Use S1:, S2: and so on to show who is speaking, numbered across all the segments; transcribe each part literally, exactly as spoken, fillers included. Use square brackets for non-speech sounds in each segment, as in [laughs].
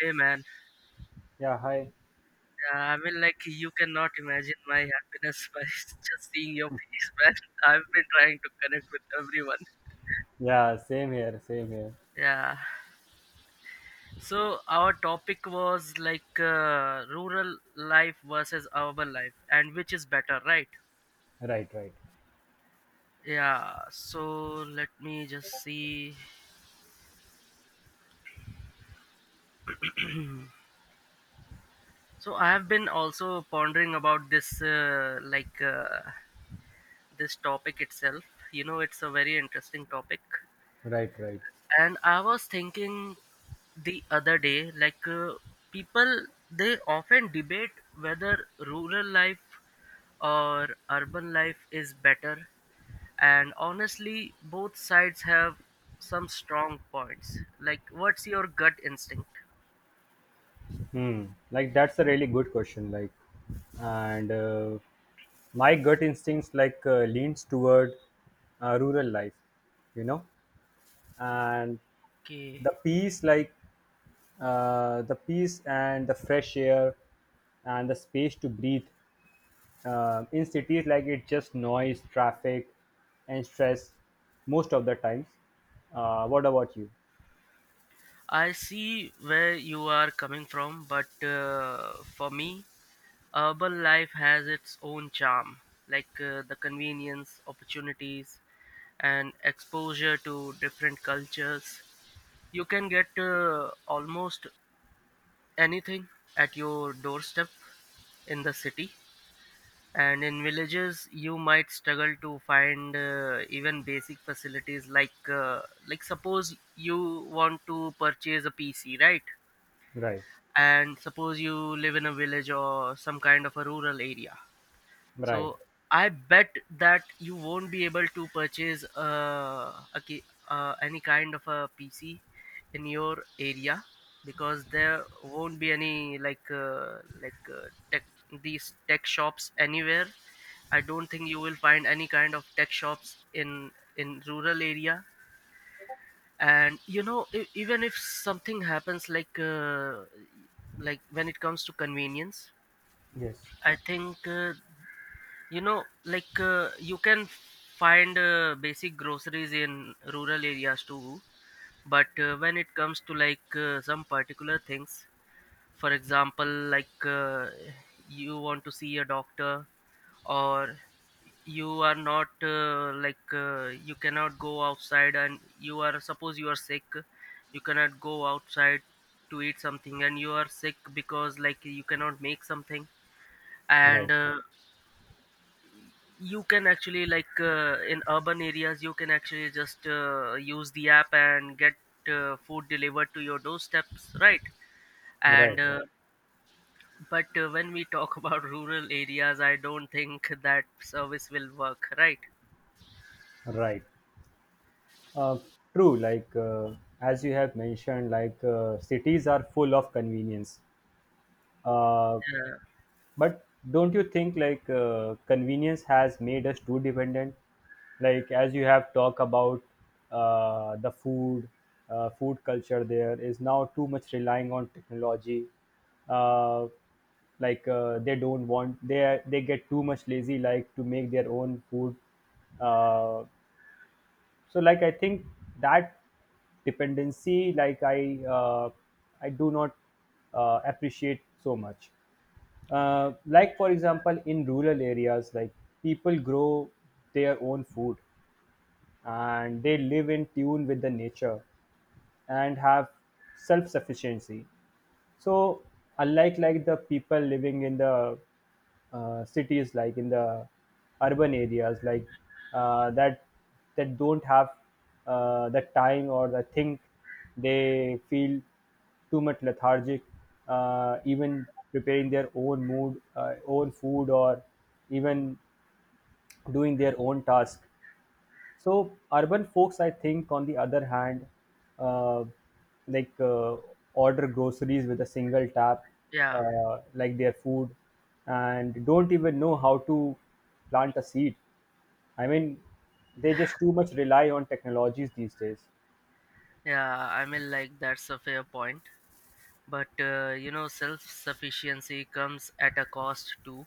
S1: Hey man,
S2: Yeah, hi.
S1: uh, I mean like you cannot imagine my happiness by [laughs] just seeing your face, man. [laughs] I've been trying to connect with everyone.
S2: Yeah, same here, same here.
S1: Yeah. So our topic was like uh, rural life versus urban life, and which is better, right?
S2: Right, right,
S1: Yeah. So let me just see. So I have been also pondering about this, uh, like uh, this topic itself. You know, it's a very interesting topic.
S2: right, right.
S1: And I was thinking the other day, like uh, people, they often debate whether rural life or urban life is better. And honestly, both sides have some strong points. Like, what's your gut instinct?
S2: Hmm. Like that's a really good question. Like, and uh, my gut instincts like uh, leans toward uh, rural life, you know, and
S1: Okay,
S2: the peace, like uh, the peace and the fresh air and the space to breathe. Um in cities, like it's just noise, traffic, and stress most of the times. Uh, what about you?
S1: I see where you are coming from, but uh, for me, urban life has its own charm, like uh, the convenience, opportunities, and exposure to different cultures. You can get uh, almost anything at your doorstep in the city, and in villages, you might struggle to find uh, even basic facilities like uh, like suppose you want to purchase a P C, right?
S2: Right.
S1: And suppose you live in a village or some kind of a rural area.
S2: Right.
S1: So I bet that you won't be able to purchase uh, a ki- uh, any kind of a P C in your area, because there won't be any like uh, like uh, tech these tech shops anywhere. I don't think you will find any kind of tech shops in in rural area. And you know, e- even if something happens like uh, like when it comes to convenience,
S2: Yes.
S1: I think uh, you know like uh, you can find uh, basic groceries in rural areas too, but uh, when it comes to like uh, some particular things, for example like uh, you want to see a doctor, or you are not uh, like uh, you cannot go outside and you are, suppose you are sick, you cannot go outside to eat something, and you are sick because like you cannot make something. And
S2: Right,
S1: uh, you can actually like uh, in urban areas you can actually just uh, use the app and get uh, food delivered to your doorsteps, right?
S2: right,
S1: And
S2: right,
S1: uh, but uh, when we talk [laughs] about rural areas, I don't think that service will work, right?
S2: right. Uh, True. Like uh, as you have mentioned, like uh, cities are full of convenience. Uh,
S1: Yeah.
S2: But don't you think like uh, convenience has made us too dependent? Like as you have talked about uh, the food, uh, food culture there is now too much relying on technology. Uh, like uh, they don't want they are- they get too much lazy like to make their own food uh, so like I think that dependency like i uh, I do not uh, appreciate so much uh, like for example in rural areas like people grow their own food and they live in tune with the nature and have self sufficiency so unlike like the people living in the uh, cities like in the urban areas like uh, that that don't have uh, the time or the think they feel too much lethargic uh, even preparing their own mood uh, own food or even doing their own task so urban folks, I think, on the other hand, uh, like uh, order groceries with a single tap,
S1: yeah
S2: uh, like their food, and don't even know how to plant a seed. I mean, they just too much rely on technologies these days.
S1: yeah I mean, like, that's a fair point, but uh, you know, self sufficiency comes at a cost too.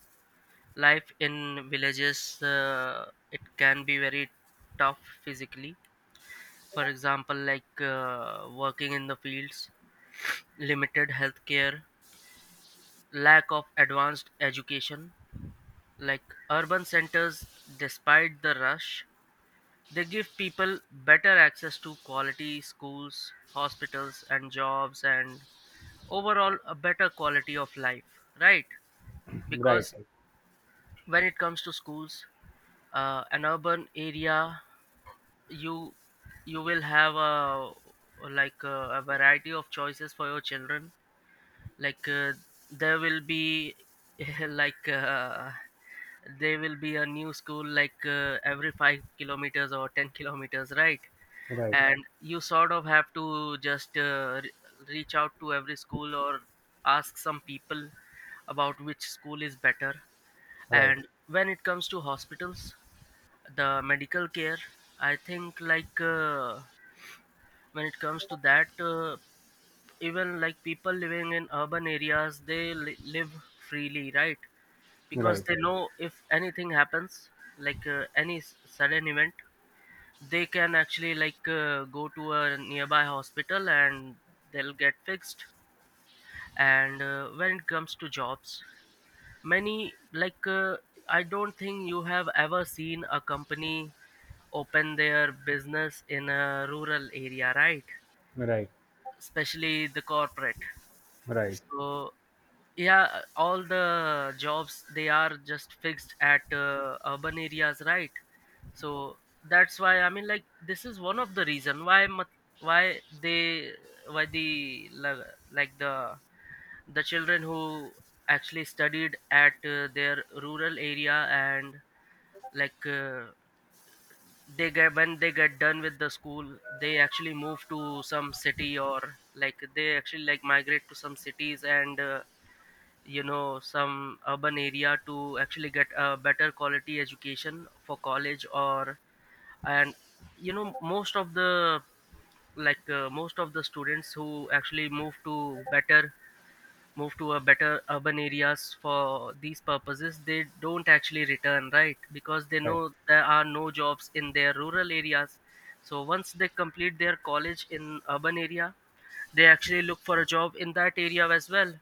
S1: Life in villages, uh, it can be very tough physically, for example like uh, working in the fields, limited healthcare, lack of advanced education. Like, urban centers, despite the rush, they give people better access to quality schools, hospitals and jobs, and overall a better quality of life, right?
S2: Right,
S1: Because when it comes to schools, uh, an urban area, you you will have a like a, a variety of choices for your children, like uh, there will be [laughs] like uh, there will be a new school like uh, every five kilometers or ten kilometers, right?
S2: right,
S1: Yeah. And you sort of have to just uh, re- reach out to every school, or ask some people about which school is better.
S2: right,
S1: And when it comes to hospitals, the medical care, I think like uh, when it comes to that, uh, even like people living in urban areas they li- live freely, right?
S2: right,
S1: Because
S2: right,
S1: they know if anything happens, like uh, any s- sudden event, they can actually like uh, go to a nearby hospital and they'll get fixed. And uh, when it comes to jobs, many like uh, I don't think you have ever seen a company open their business in a rural area, right?
S2: right,
S1: Especially the corporate.
S2: right,
S1: So yeah, all the jobs, they are just fixed at uh, urban areas, right? So that's why, I mean like, this is one of the reason why mat- why they why the la- like the the children who actually studied at uh, their rural area, and like uh, they get, when they get done with the school, they actually move to some city, or like they actually like migrate to some cities. And uh, you know, some urban area to actually get a better quality education for college. Or, and you know, most of the, like uh, most of the students who actually move to better, move to a better urban areas for these purposes, they don't actually return, right? Because they
S2: right,
S1: know there are no jobs in their rural areas. So once they complete their college in urban area, they actually look for a job in that area as well.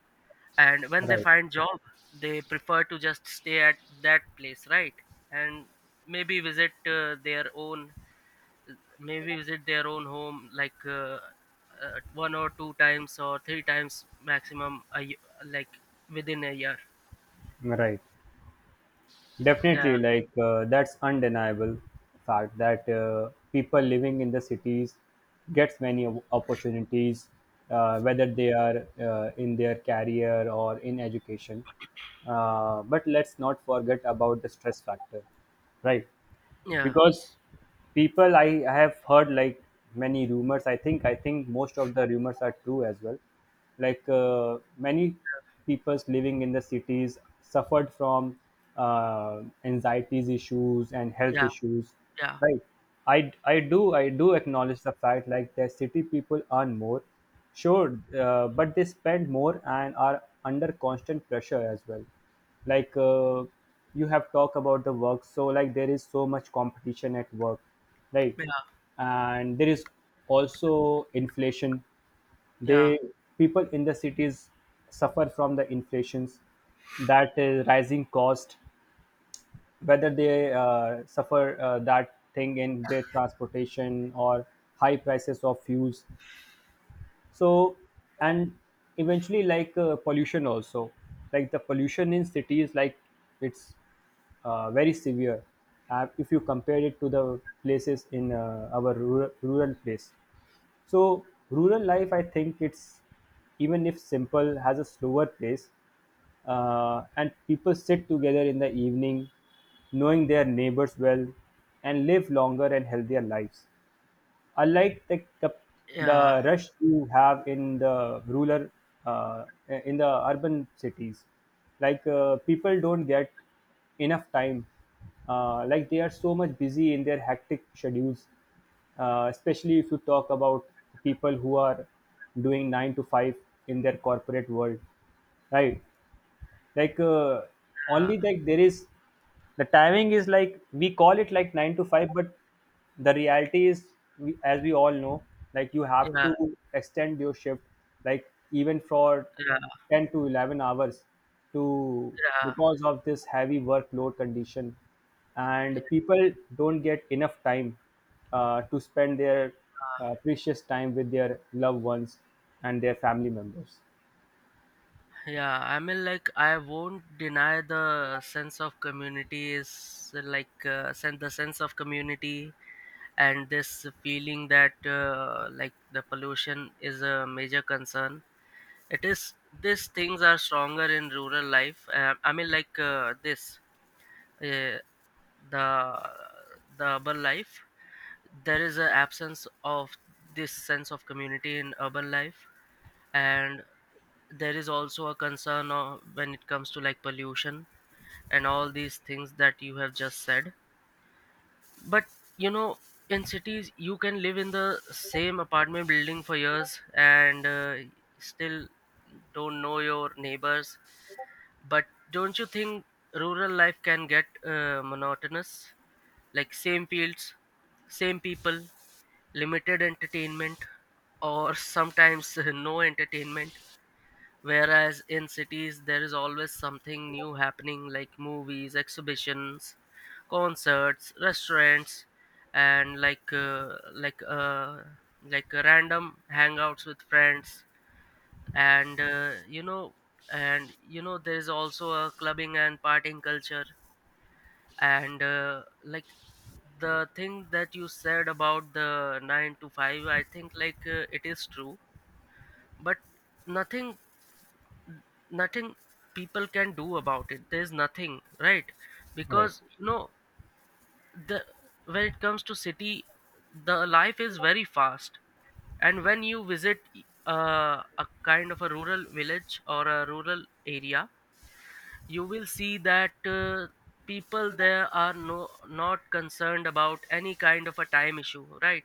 S1: And when they find job, they prefer to just stay at that place, right? And maybe visit uh, their own maybe visit their own home like uh, uh, one or two times or three times maximum a y- like within a year.
S2: right, right.
S1: Yeah
S2: Definitely, like uh, that's undeniable fact that uh, people living in the cities gets many op- opportunities, uh, whether they are uh, in their career or in education. Uh, but let's not forget about the stress factor, right?
S1: yeah
S2: Because people I, have heard like many rumors i think I think most of the rumors are true as well, like uh, many people living in the cities suffered from uh, anxieties issues and health
S1: yeah
S2: issues.
S1: yeah
S2: Right. I i do i do acknowledge the fact like that city people earn more, sure, uh, but they spend more and are under constant pressure as well. Like uh, you have talked about the work, so like there is so much competition at work, right?
S1: yeah
S2: And there is also inflation,
S1: yeah
S2: they people in the cities suffer from the inflations, that is rising cost whether they uh, suffer uh, that thing in their transportation or high prices of fuels. So and eventually like uh, pollution also, like the pollution in cities, like it's uh, very severe uh, if you compare it to the places in uh, our rural, rural place. So rural life I think it's even if simple has a slower pace, uh, and people sit together in the evening knowing their neighbors well and live longer and healthier lives, unlike the the,
S1: yeah
S2: the rush you have in the rural uh, in the urban cities, like uh, people don't get enough time, uh, like they are so much busy in their hectic schedules, uh, especially if you talk about people who are doing nine to five in their corporate world, right? Like uh, only like there is the timing is like we call it like nine to five, but the reality is, we, as we all know, like you
S1: yeah
S2: have
S1: yeah
S2: to extend your shift like even for
S1: yeah
S2: ten to eleven hours, to because of this heavy workload condition,
S1: yeah,
S2: and people don't get enough time uh, to spend their
S1: yeah.
S2: uh, precious time with their loved ones and their family members.
S1: Yeah, I mean, like, I won't deny the sense of community is uh, like uh, sen- the sense of community, and this feeling that uh, like the pollution is a major concern. It is These things are stronger in rural life. Uh, I mean, like uh, this uh, the the urban life, there is an absence of this sense of community in urban life. And there is also a concern of, when it comes to like pollution and all these things that you have just said. But you know, in cities you can live in the same apartment building for years and uh, still don't know your neighbors. But don't you think rural life can get uh, monotonous? Like same fields, same people, limited entertainment, or sometimes [laughs] no entertainment. Whereas in cities, there is always something new happening, like movies, exhibitions, concerts, restaurants, and like uh, like uh, like uh, random hangouts with friends. And uh, you know, and you know, there is also a clubbing and partying culture. And uh, like the thing that you said about the nine to five, I think like uh, it is true, but nothing, nothing people can do about it, there's nothing, right?
S2: Right.
S1: Because you know, the when it comes to city, the life is very fast. And when you visit uh, a kind of a rural village or a rural area, you will see that uh, people there are no not concerned about any kind of a time issue, right?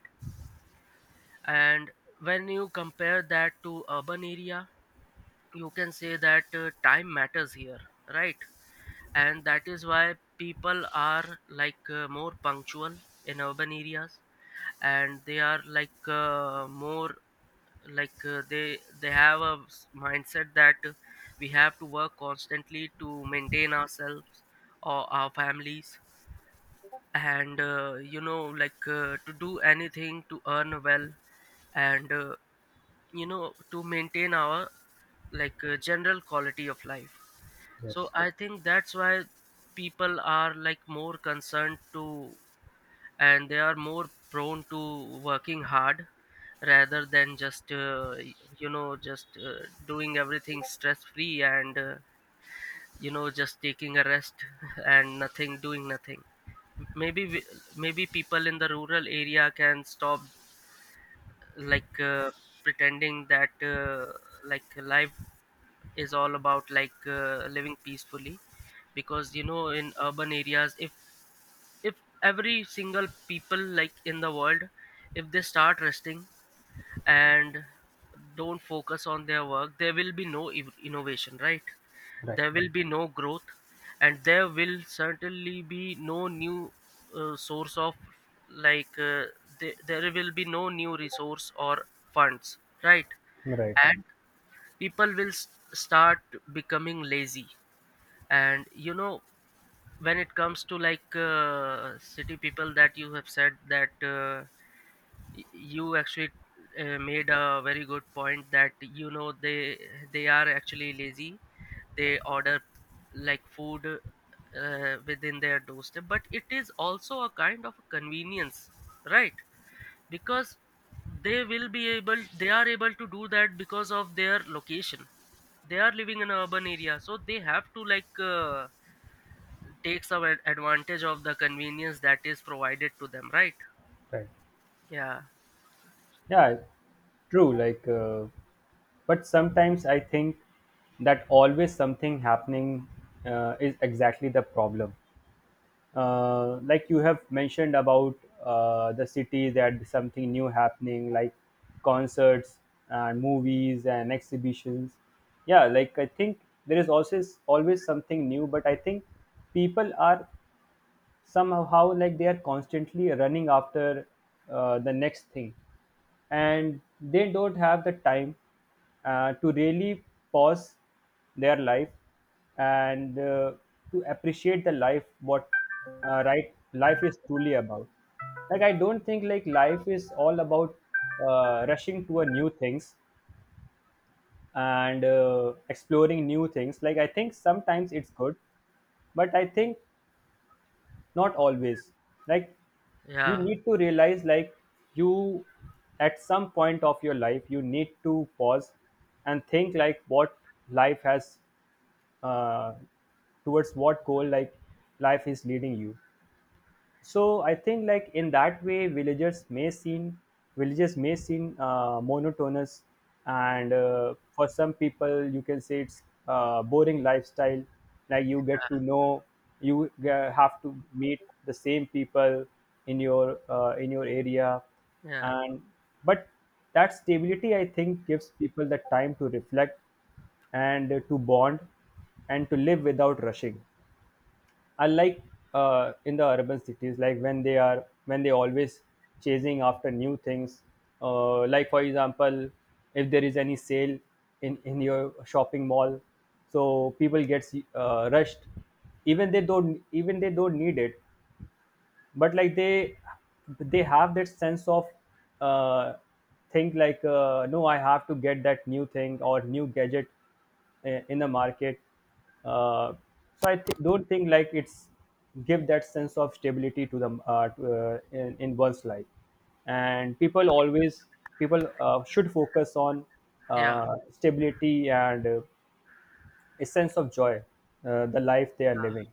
S1: And when you compare that to urban area, you can say that uh, time matters here, right? And that is why people are like uh, more punctual in urban areas. And they are like uh, more like uh, they they have a s- mindset that uh, we have to work constantly to maintain ourselves or our families. And uh, you know like uh, to do anything, to earn well. And uh, you know, to maintain our like uh, general quality of life. So
S2: Yes.
S1: I think that's why people are like more concerned to, and they are more prone to working hard, rather than just uh, y- you know just uh, doing everything stress free, and uh, you know, just taking a rest [laughs] and nothing doing nothing. maybe we- Maybe people in the rural area can stop like uh, pretending that uh, like life is all about like uh, living peacefully. Because you know, in urban areas, if if every single people like in the world, if they start resting and don't focus on their work, there will be no ev- innovation, right?
S2: Right,
S1: There will be no growth. And there will certainly be no new uh, source of, like uh, th- there will be no new resource or funds, right?
S2: right.
S1: And people will s- start becoming lazy. And you know, when it comes to like uh, city people, that you have said that uh, y- you actually uh, made a very good point, that you know they they are actually lazy, they order like food uh, within their doorstep, but it is also a kind of convenience, right? Because they will be able they are able to do that because of their location. They are living in an urban area, so they have to like uh, takes away advantage of the convenience that is provided to them, right?
S2: Right.
S1: yeah
S2: Yeah, true. Like, uh, but sometimes I think that always something happening uh, is exactly the problem. Uh, like you have mentioned about uh, the city, that something new happening, like concerts and movies and exhibitions. Yeah, like I think there is also always something new, but I think people are somehow like they are constantly running after uh, the next thing and they don't have the time uh, to really pause their life and uh, to appreciate the life what uh, right life is truly about. Like I don't think like life is all about uh, rushing to a new things and uh, exploring new things, like I think sometimes it's good, but I think not always. Like you
S1: yeah
S2: need to realize like you at some point of your life you need to pause and think like what life has uh, towards what goal like life is leading you. So I think like in that way villagers may seem villages may seem uh, monotonous, and uh, for some people you can say it's uh, boring lifestyle, like you get to know you uh, have to meet the same people in your uh, in your area.
S1: yeah
S2: And but that stability I think gives people the time to reflect and to bond and to live without rushing, unlike uh, in the urban cities like when they are when they always chasing after new things, uh, like for example if there is any sale in in your shopping mall, so people gets uh, rushed, even they don't even they don't need it, but like they they have that sense of uh, think like uh, no I have to get that new thing or new gadget i- in the market, uh, so i th- don't think like it's give that sense of stability to the uh, to, uh, in, in one's life, and people always people uh, should focus on
S1: yeah
S2: uh, stability and uh, a sense of joy uh, the life they are living.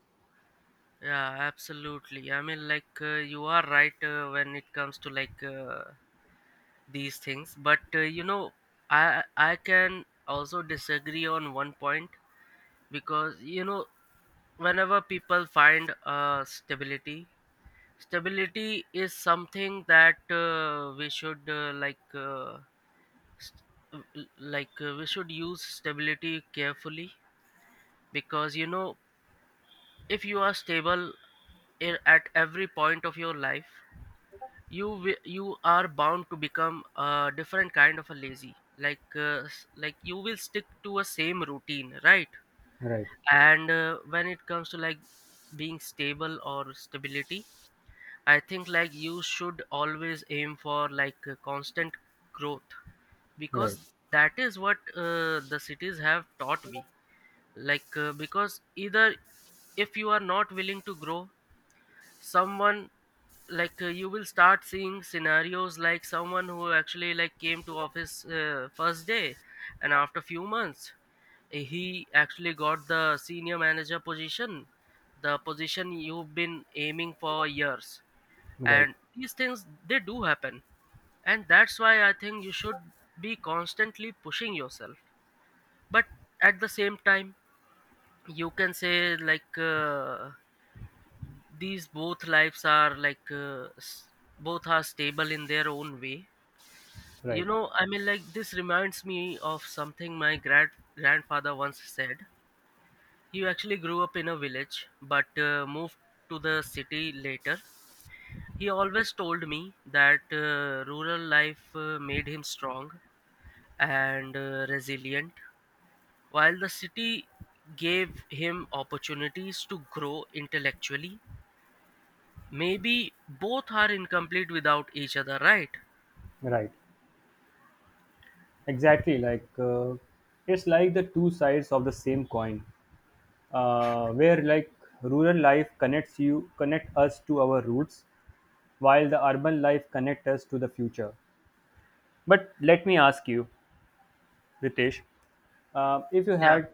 S1: Yeah, absolutely. I mean, like uh, you are right, uh, when it comes to like uh, these things. But uh, you know, i i can also disagree on one point. Because you know, whenever people find uh, stability, stability is something that uh, we should uh, like uh, st- uh, like uh, we should use stability carefully. Because you know, if you are stable in, at every point of your life, you wi- you are bound to become a different kind of a lazy, like uh, s- like you will stick to a same routine, right?
S2: Right,
S1: And uh, when it comes to like being stable or stability, I think like you should always aim for like uh, constant growth. Because
S2: right,
S1: that is what uh, the cities have taught me. Like uh, because either, if you are not willing to grow someone like uh, you will start seeing scenarios like someone who actually like came to office uh, first day and after few months, eh, he actually got the senior manager position, the position you've been aiming for years.
S2: right,
S1: And these things, they do happen, and that's why I think you should be constantly pushing yourself. But at the same time, you can say like uh, these both lives are like uh, s- both are stable in their own way. you
S2: right,
S1: know I mean, like, this reminds me of something my grand grandfather once said. He actually grew up in a village but uh, moved to the city later. He always told me that uh, rural life uh, made him strong and uh, resilient, while the city gave him opportunities to grow intellectually. Maybe both are incomplete without each other, right?
S2: right. Exactly, like uh, it's like the two sides of the same coin, uh, where like rural life connects you connect us to our roots, while the urban life connect us to the future. But let me ask you, Ritesh, uh, if you
S1: Yeah.
S2: had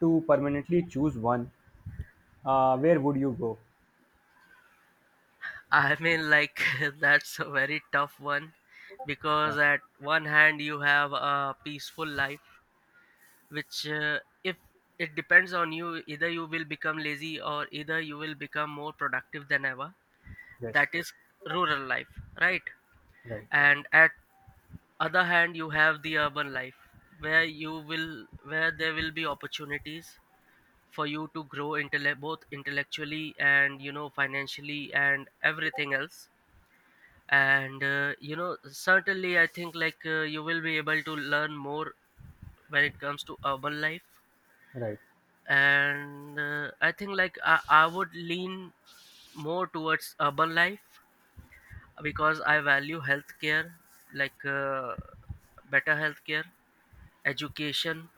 S2: to permanently choose one, uh, where would you go?
S1: I mean, like, [laughs] that's a very tough one
S2: Yeah.
S1: because, at one hand, you have a peaceful life, which, uh, if it depends on you, either you will become lazy or either you will become more productive than ever.
S2: Yes.
S1: That is rural life, right?
S2: Right.
S1: And at other hand, you have the urban life where you will, where there will be opportunities for you to grow intellect both intellectually and, you know financially and everything else. And uh, you know certainly I think like uh, you will be able to learn more when it comes to urban life.
S2: Right.
S1: And uh, I think like I, I would lean more towards urban life because I value healthcare, like uh, better healthcare, education,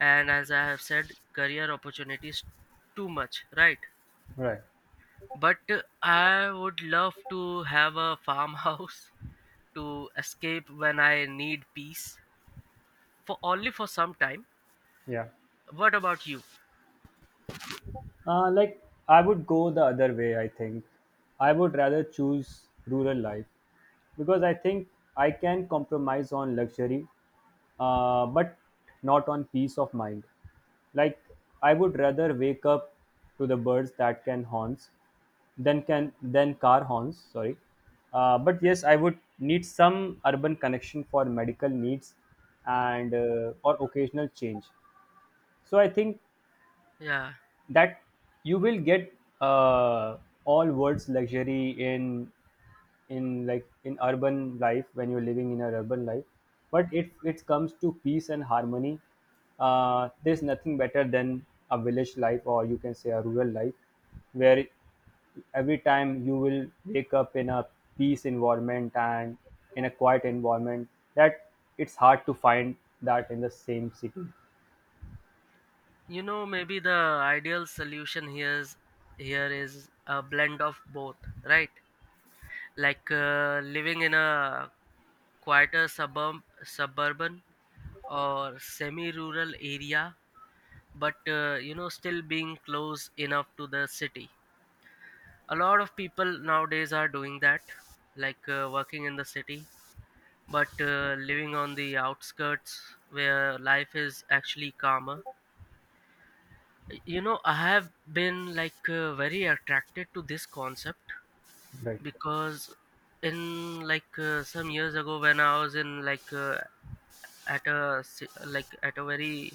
S1: and as I have said, career opportunities, too much, right?
S2: Right.
S1: But uh, I would love to have a farmhouse [laughs] to escape when I need peace for only for some time.
S2: Yeah.
S1: What about you?
S2: Uh, like I would go the other way. I think I would rather choose rural life because I think I can compromise on luxury, uh, but not on peace of mind. Like I would rather wake up to the birds that can horns, than can than car horns. Sorry, uh, but yes, I would need some urban connection for medical needs and uh, or occasional change. So I think
S1: Yeah,
S2: that you will get uh, all world's luxury in in like in urban life when you're living in an urban life, but if it comes to peace and harmony, uh, there's nothing better than a village life, or you can say a rural life, where every time you will wake up in a peace environment and in a quiet environment, that it's hard to find that in the same city.
S1: you know, maybe the ideal solution here is here is a blend of both, right? Like uh, living in a quieter suburb, suburban or semi-rural area, but uh, you know still being close enough to the city. A lot of people nowadays are doing that, like uh, working in the city but uh, living on the outskirts where life is actually calmer. You know, I have been like uh, very attracted to this concept
S2: Right.
S1: because in like uh, some years ago, when I was in like uh, at a ci- like at a very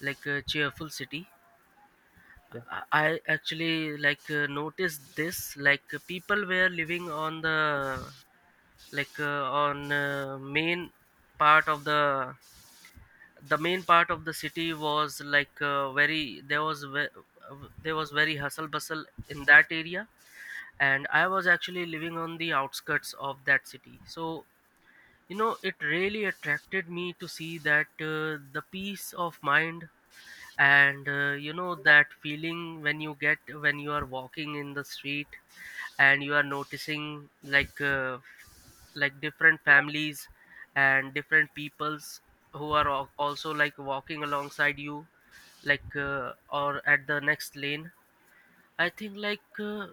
S1: like a cheerful city,
S2: Yeah.
S1: i I actually like uh, noticed this. Like uh, people were living on the, like uh, on uh, main part of the the main part of the city was like uh, very there was ve- uh, there was very hustle bustle in that area, and I was actually living on the outskirts of that city. So you know it really attracted me to see that, uh, the peace of mind. And uh, you know that feeling when you get when you are walking in the street and you are noticing, like uh, like different families and different peoples who are al- also like walking alongside you, like uh, or at the next lane. I think like uh,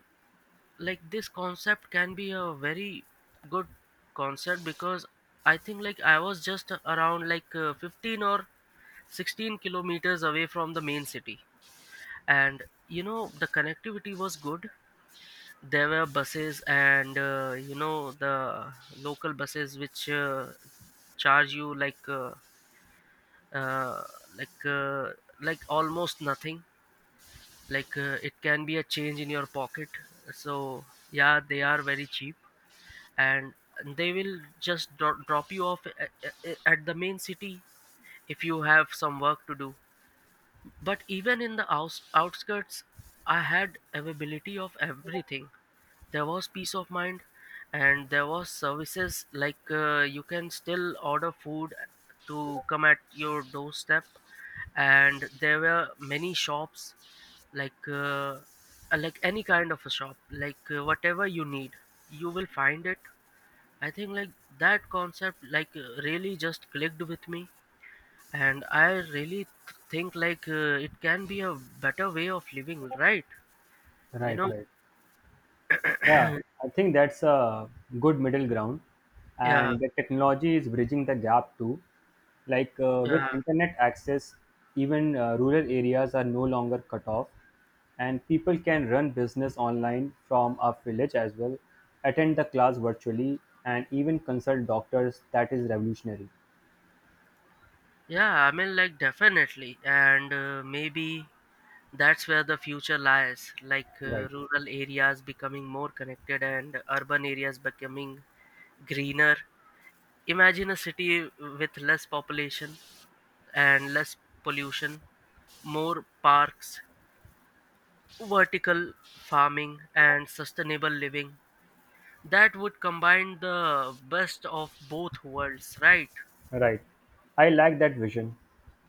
S1: like this concept can be a very good concept because I think like I was just around like uh, fifteen or sixteen kilometers away from the main city, and you know the connectivity was good. There were buses, and uh, you know the local buses, which uh, charge you like uh, uh, like uh, like almost nothing. Like uh, it can be a change in your pocket. So yeah, they are very cheap, and they will just dro- drop you off at, at the main city if you have some work to do. But even in the outs- outskirts, I had availability of everything. There was peace of mind, and there was services, like uh, you can still order food to come at your doorstep. And there were many shops, like uh, uh, like any kind of a shop, like uh, whatever you need, you will find it. I think like that concept, like uh, really just clicked with me, and I really th- think like uh, it can be a better way of living, right? You
S2: Right,
S1: know?
S2: right. Yeah, I think that's a good middle ground,
S1: Yeah,
S2: and the technology is bridging the gap too. Like uh,
S1: yeah.
S2: with internet access, even uh, rural areas are no longer cut off, and people can run business online from a village as well, attend the class virtually, and even consult doctors. That is revolutionary,
S1: Yeah, I mean, like, definitely. And uh, maybe that's where the future lies, like uh,
S2: right?
S1: rural areas becoming more connected and urban areas becoming greener. Imagine a city with less population and less pollution, more parks, vertical farming, and sustainable living. That would combine the best of both worlds, right?
S2: Right. I like that vision.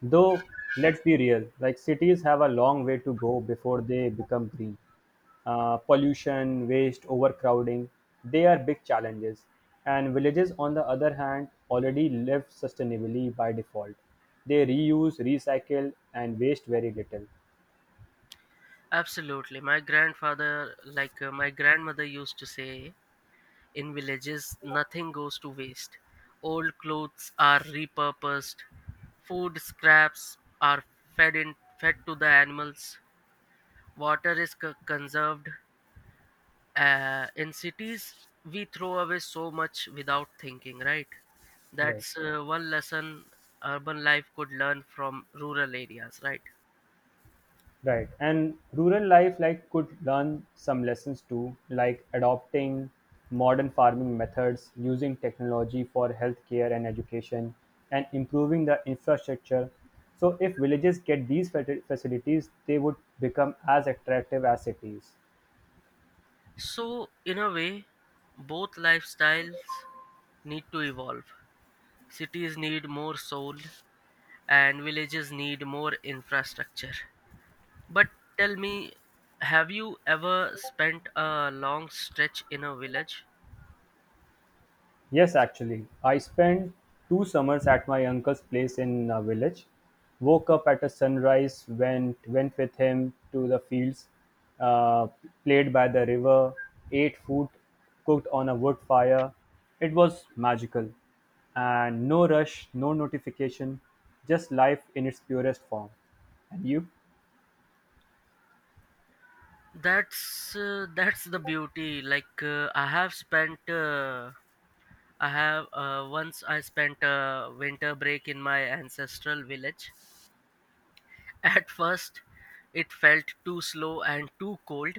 S2: Though, let's be real, like cities have a long way to go before they become green. Uh, pollution, waste, overcrowding, they are big challenges. And villages, on the other hand, already live sustainably by default. They reuse, recycle, and waste very little.
S1: Absolutely. My grandfather, like uh, my grandmother used to say, in villages, nothing goes to waste. Old clothes are repurposed, food scraps are fed in, fed to the animals, water is co- conserved. Uh, in cities, we throw away so much without thinking, right?
S2: Right.
S1: That's uh, one lesson urban life could learn from rural areas, right?
S2: Right. And rural life like could learn some lessons too, like adopting modern farming methods, using technology for healthcare and education, and improving the infrastructure. So if villages get these fa- facilities, they would become as attractive as cities.
S1: So, in a way, both lifestyles need to evolve. Cities need more soul, and villages need more infrastructure. But tell me, have you ever spent a long stretch in a village?
S2: Yes, actually, I spent two summers at my uncle's place in a village. Woke up at a sunrise, went went with him to the fields, uh, played by the river, ate food cooked on a wood fire. It was magical, and no rush, no notification, just life in its purest form. And you?
S1: That's uh, that's the beauty. Like uh, I have spent, uh, I have uh, once I spent a winter break in my ancestral village. [laughs] At first, it felt too slow and too cold.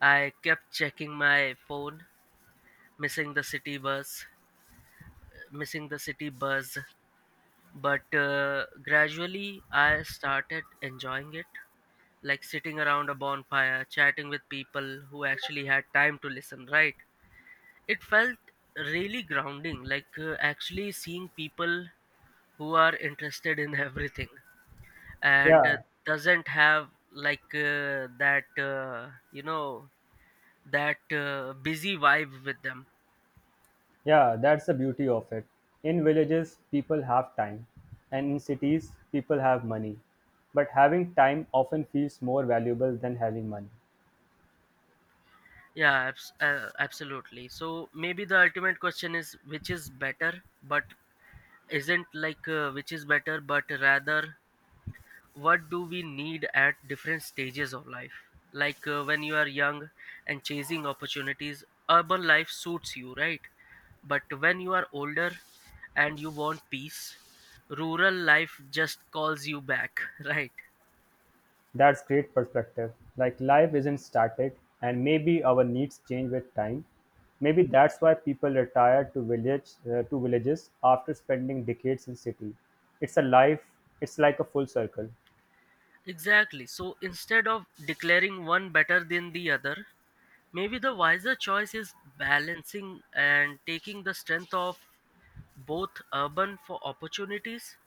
S1: I kept checking my phone, missing the city bus, missing the city bus. But uh, gradually, I started enjoying it, like sitting around a bonfire, chatting with people who actually had time to listen, right? It felt really grounding, like uh, actually seeing people who are interested in [laughs] everything, and uh,
S2: Yeah,
S1: doesn't have like uh, that, uh, you know, that uh, busy vibe with them.
S2: yeah, that's the beauty of it. In villages, people have time, and in cities, people have money. But having time often feels more valuable than having money.
S1: Yeah, abs- uh, absolutely. So maybe the ultimate question is which is better, but isn't like uh, which is better, but rather what do we need at different stages of life. Like uh, when you are young and chasing opportunities, urban life suits you, right? But when you are older and you want peace, rural life just calls you back [laughs] right?
S2: That's great perspective. Like life isn't static, and maybe our needs change with time. Maybe that's why people retire to village uh, to villages after spending decades in city. It's a life. It's like a full circle.
S1: Exactly. So instead of declaring one better than the other, maybe the wiser choice is balancing and taking the strength of both, urban for opportunities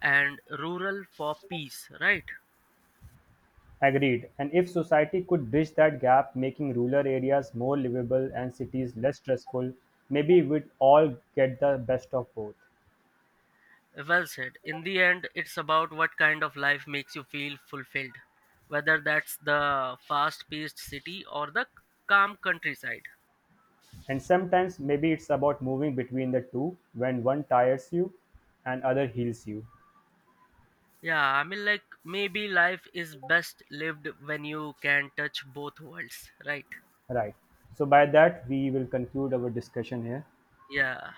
S1: and rural for peace, right?
S2: Agreed, and if society could bridge that gap, making rural areas more livable and cities less stressful, maybe we'd all get the best of both.
S1: Well said. In the end, it's about what kind of life makes you feel fulfilled, whether that's the fast paced city or the calm countryside.
S2: And sometimes maybe it's about moving between the two when one tires you and other heals you.
S1: Yeah, I mean, like, maybe life is best lived when you can touch both worlds, right?
S2: Right. So by that we will conclude our discussion here.
S1: Yeah.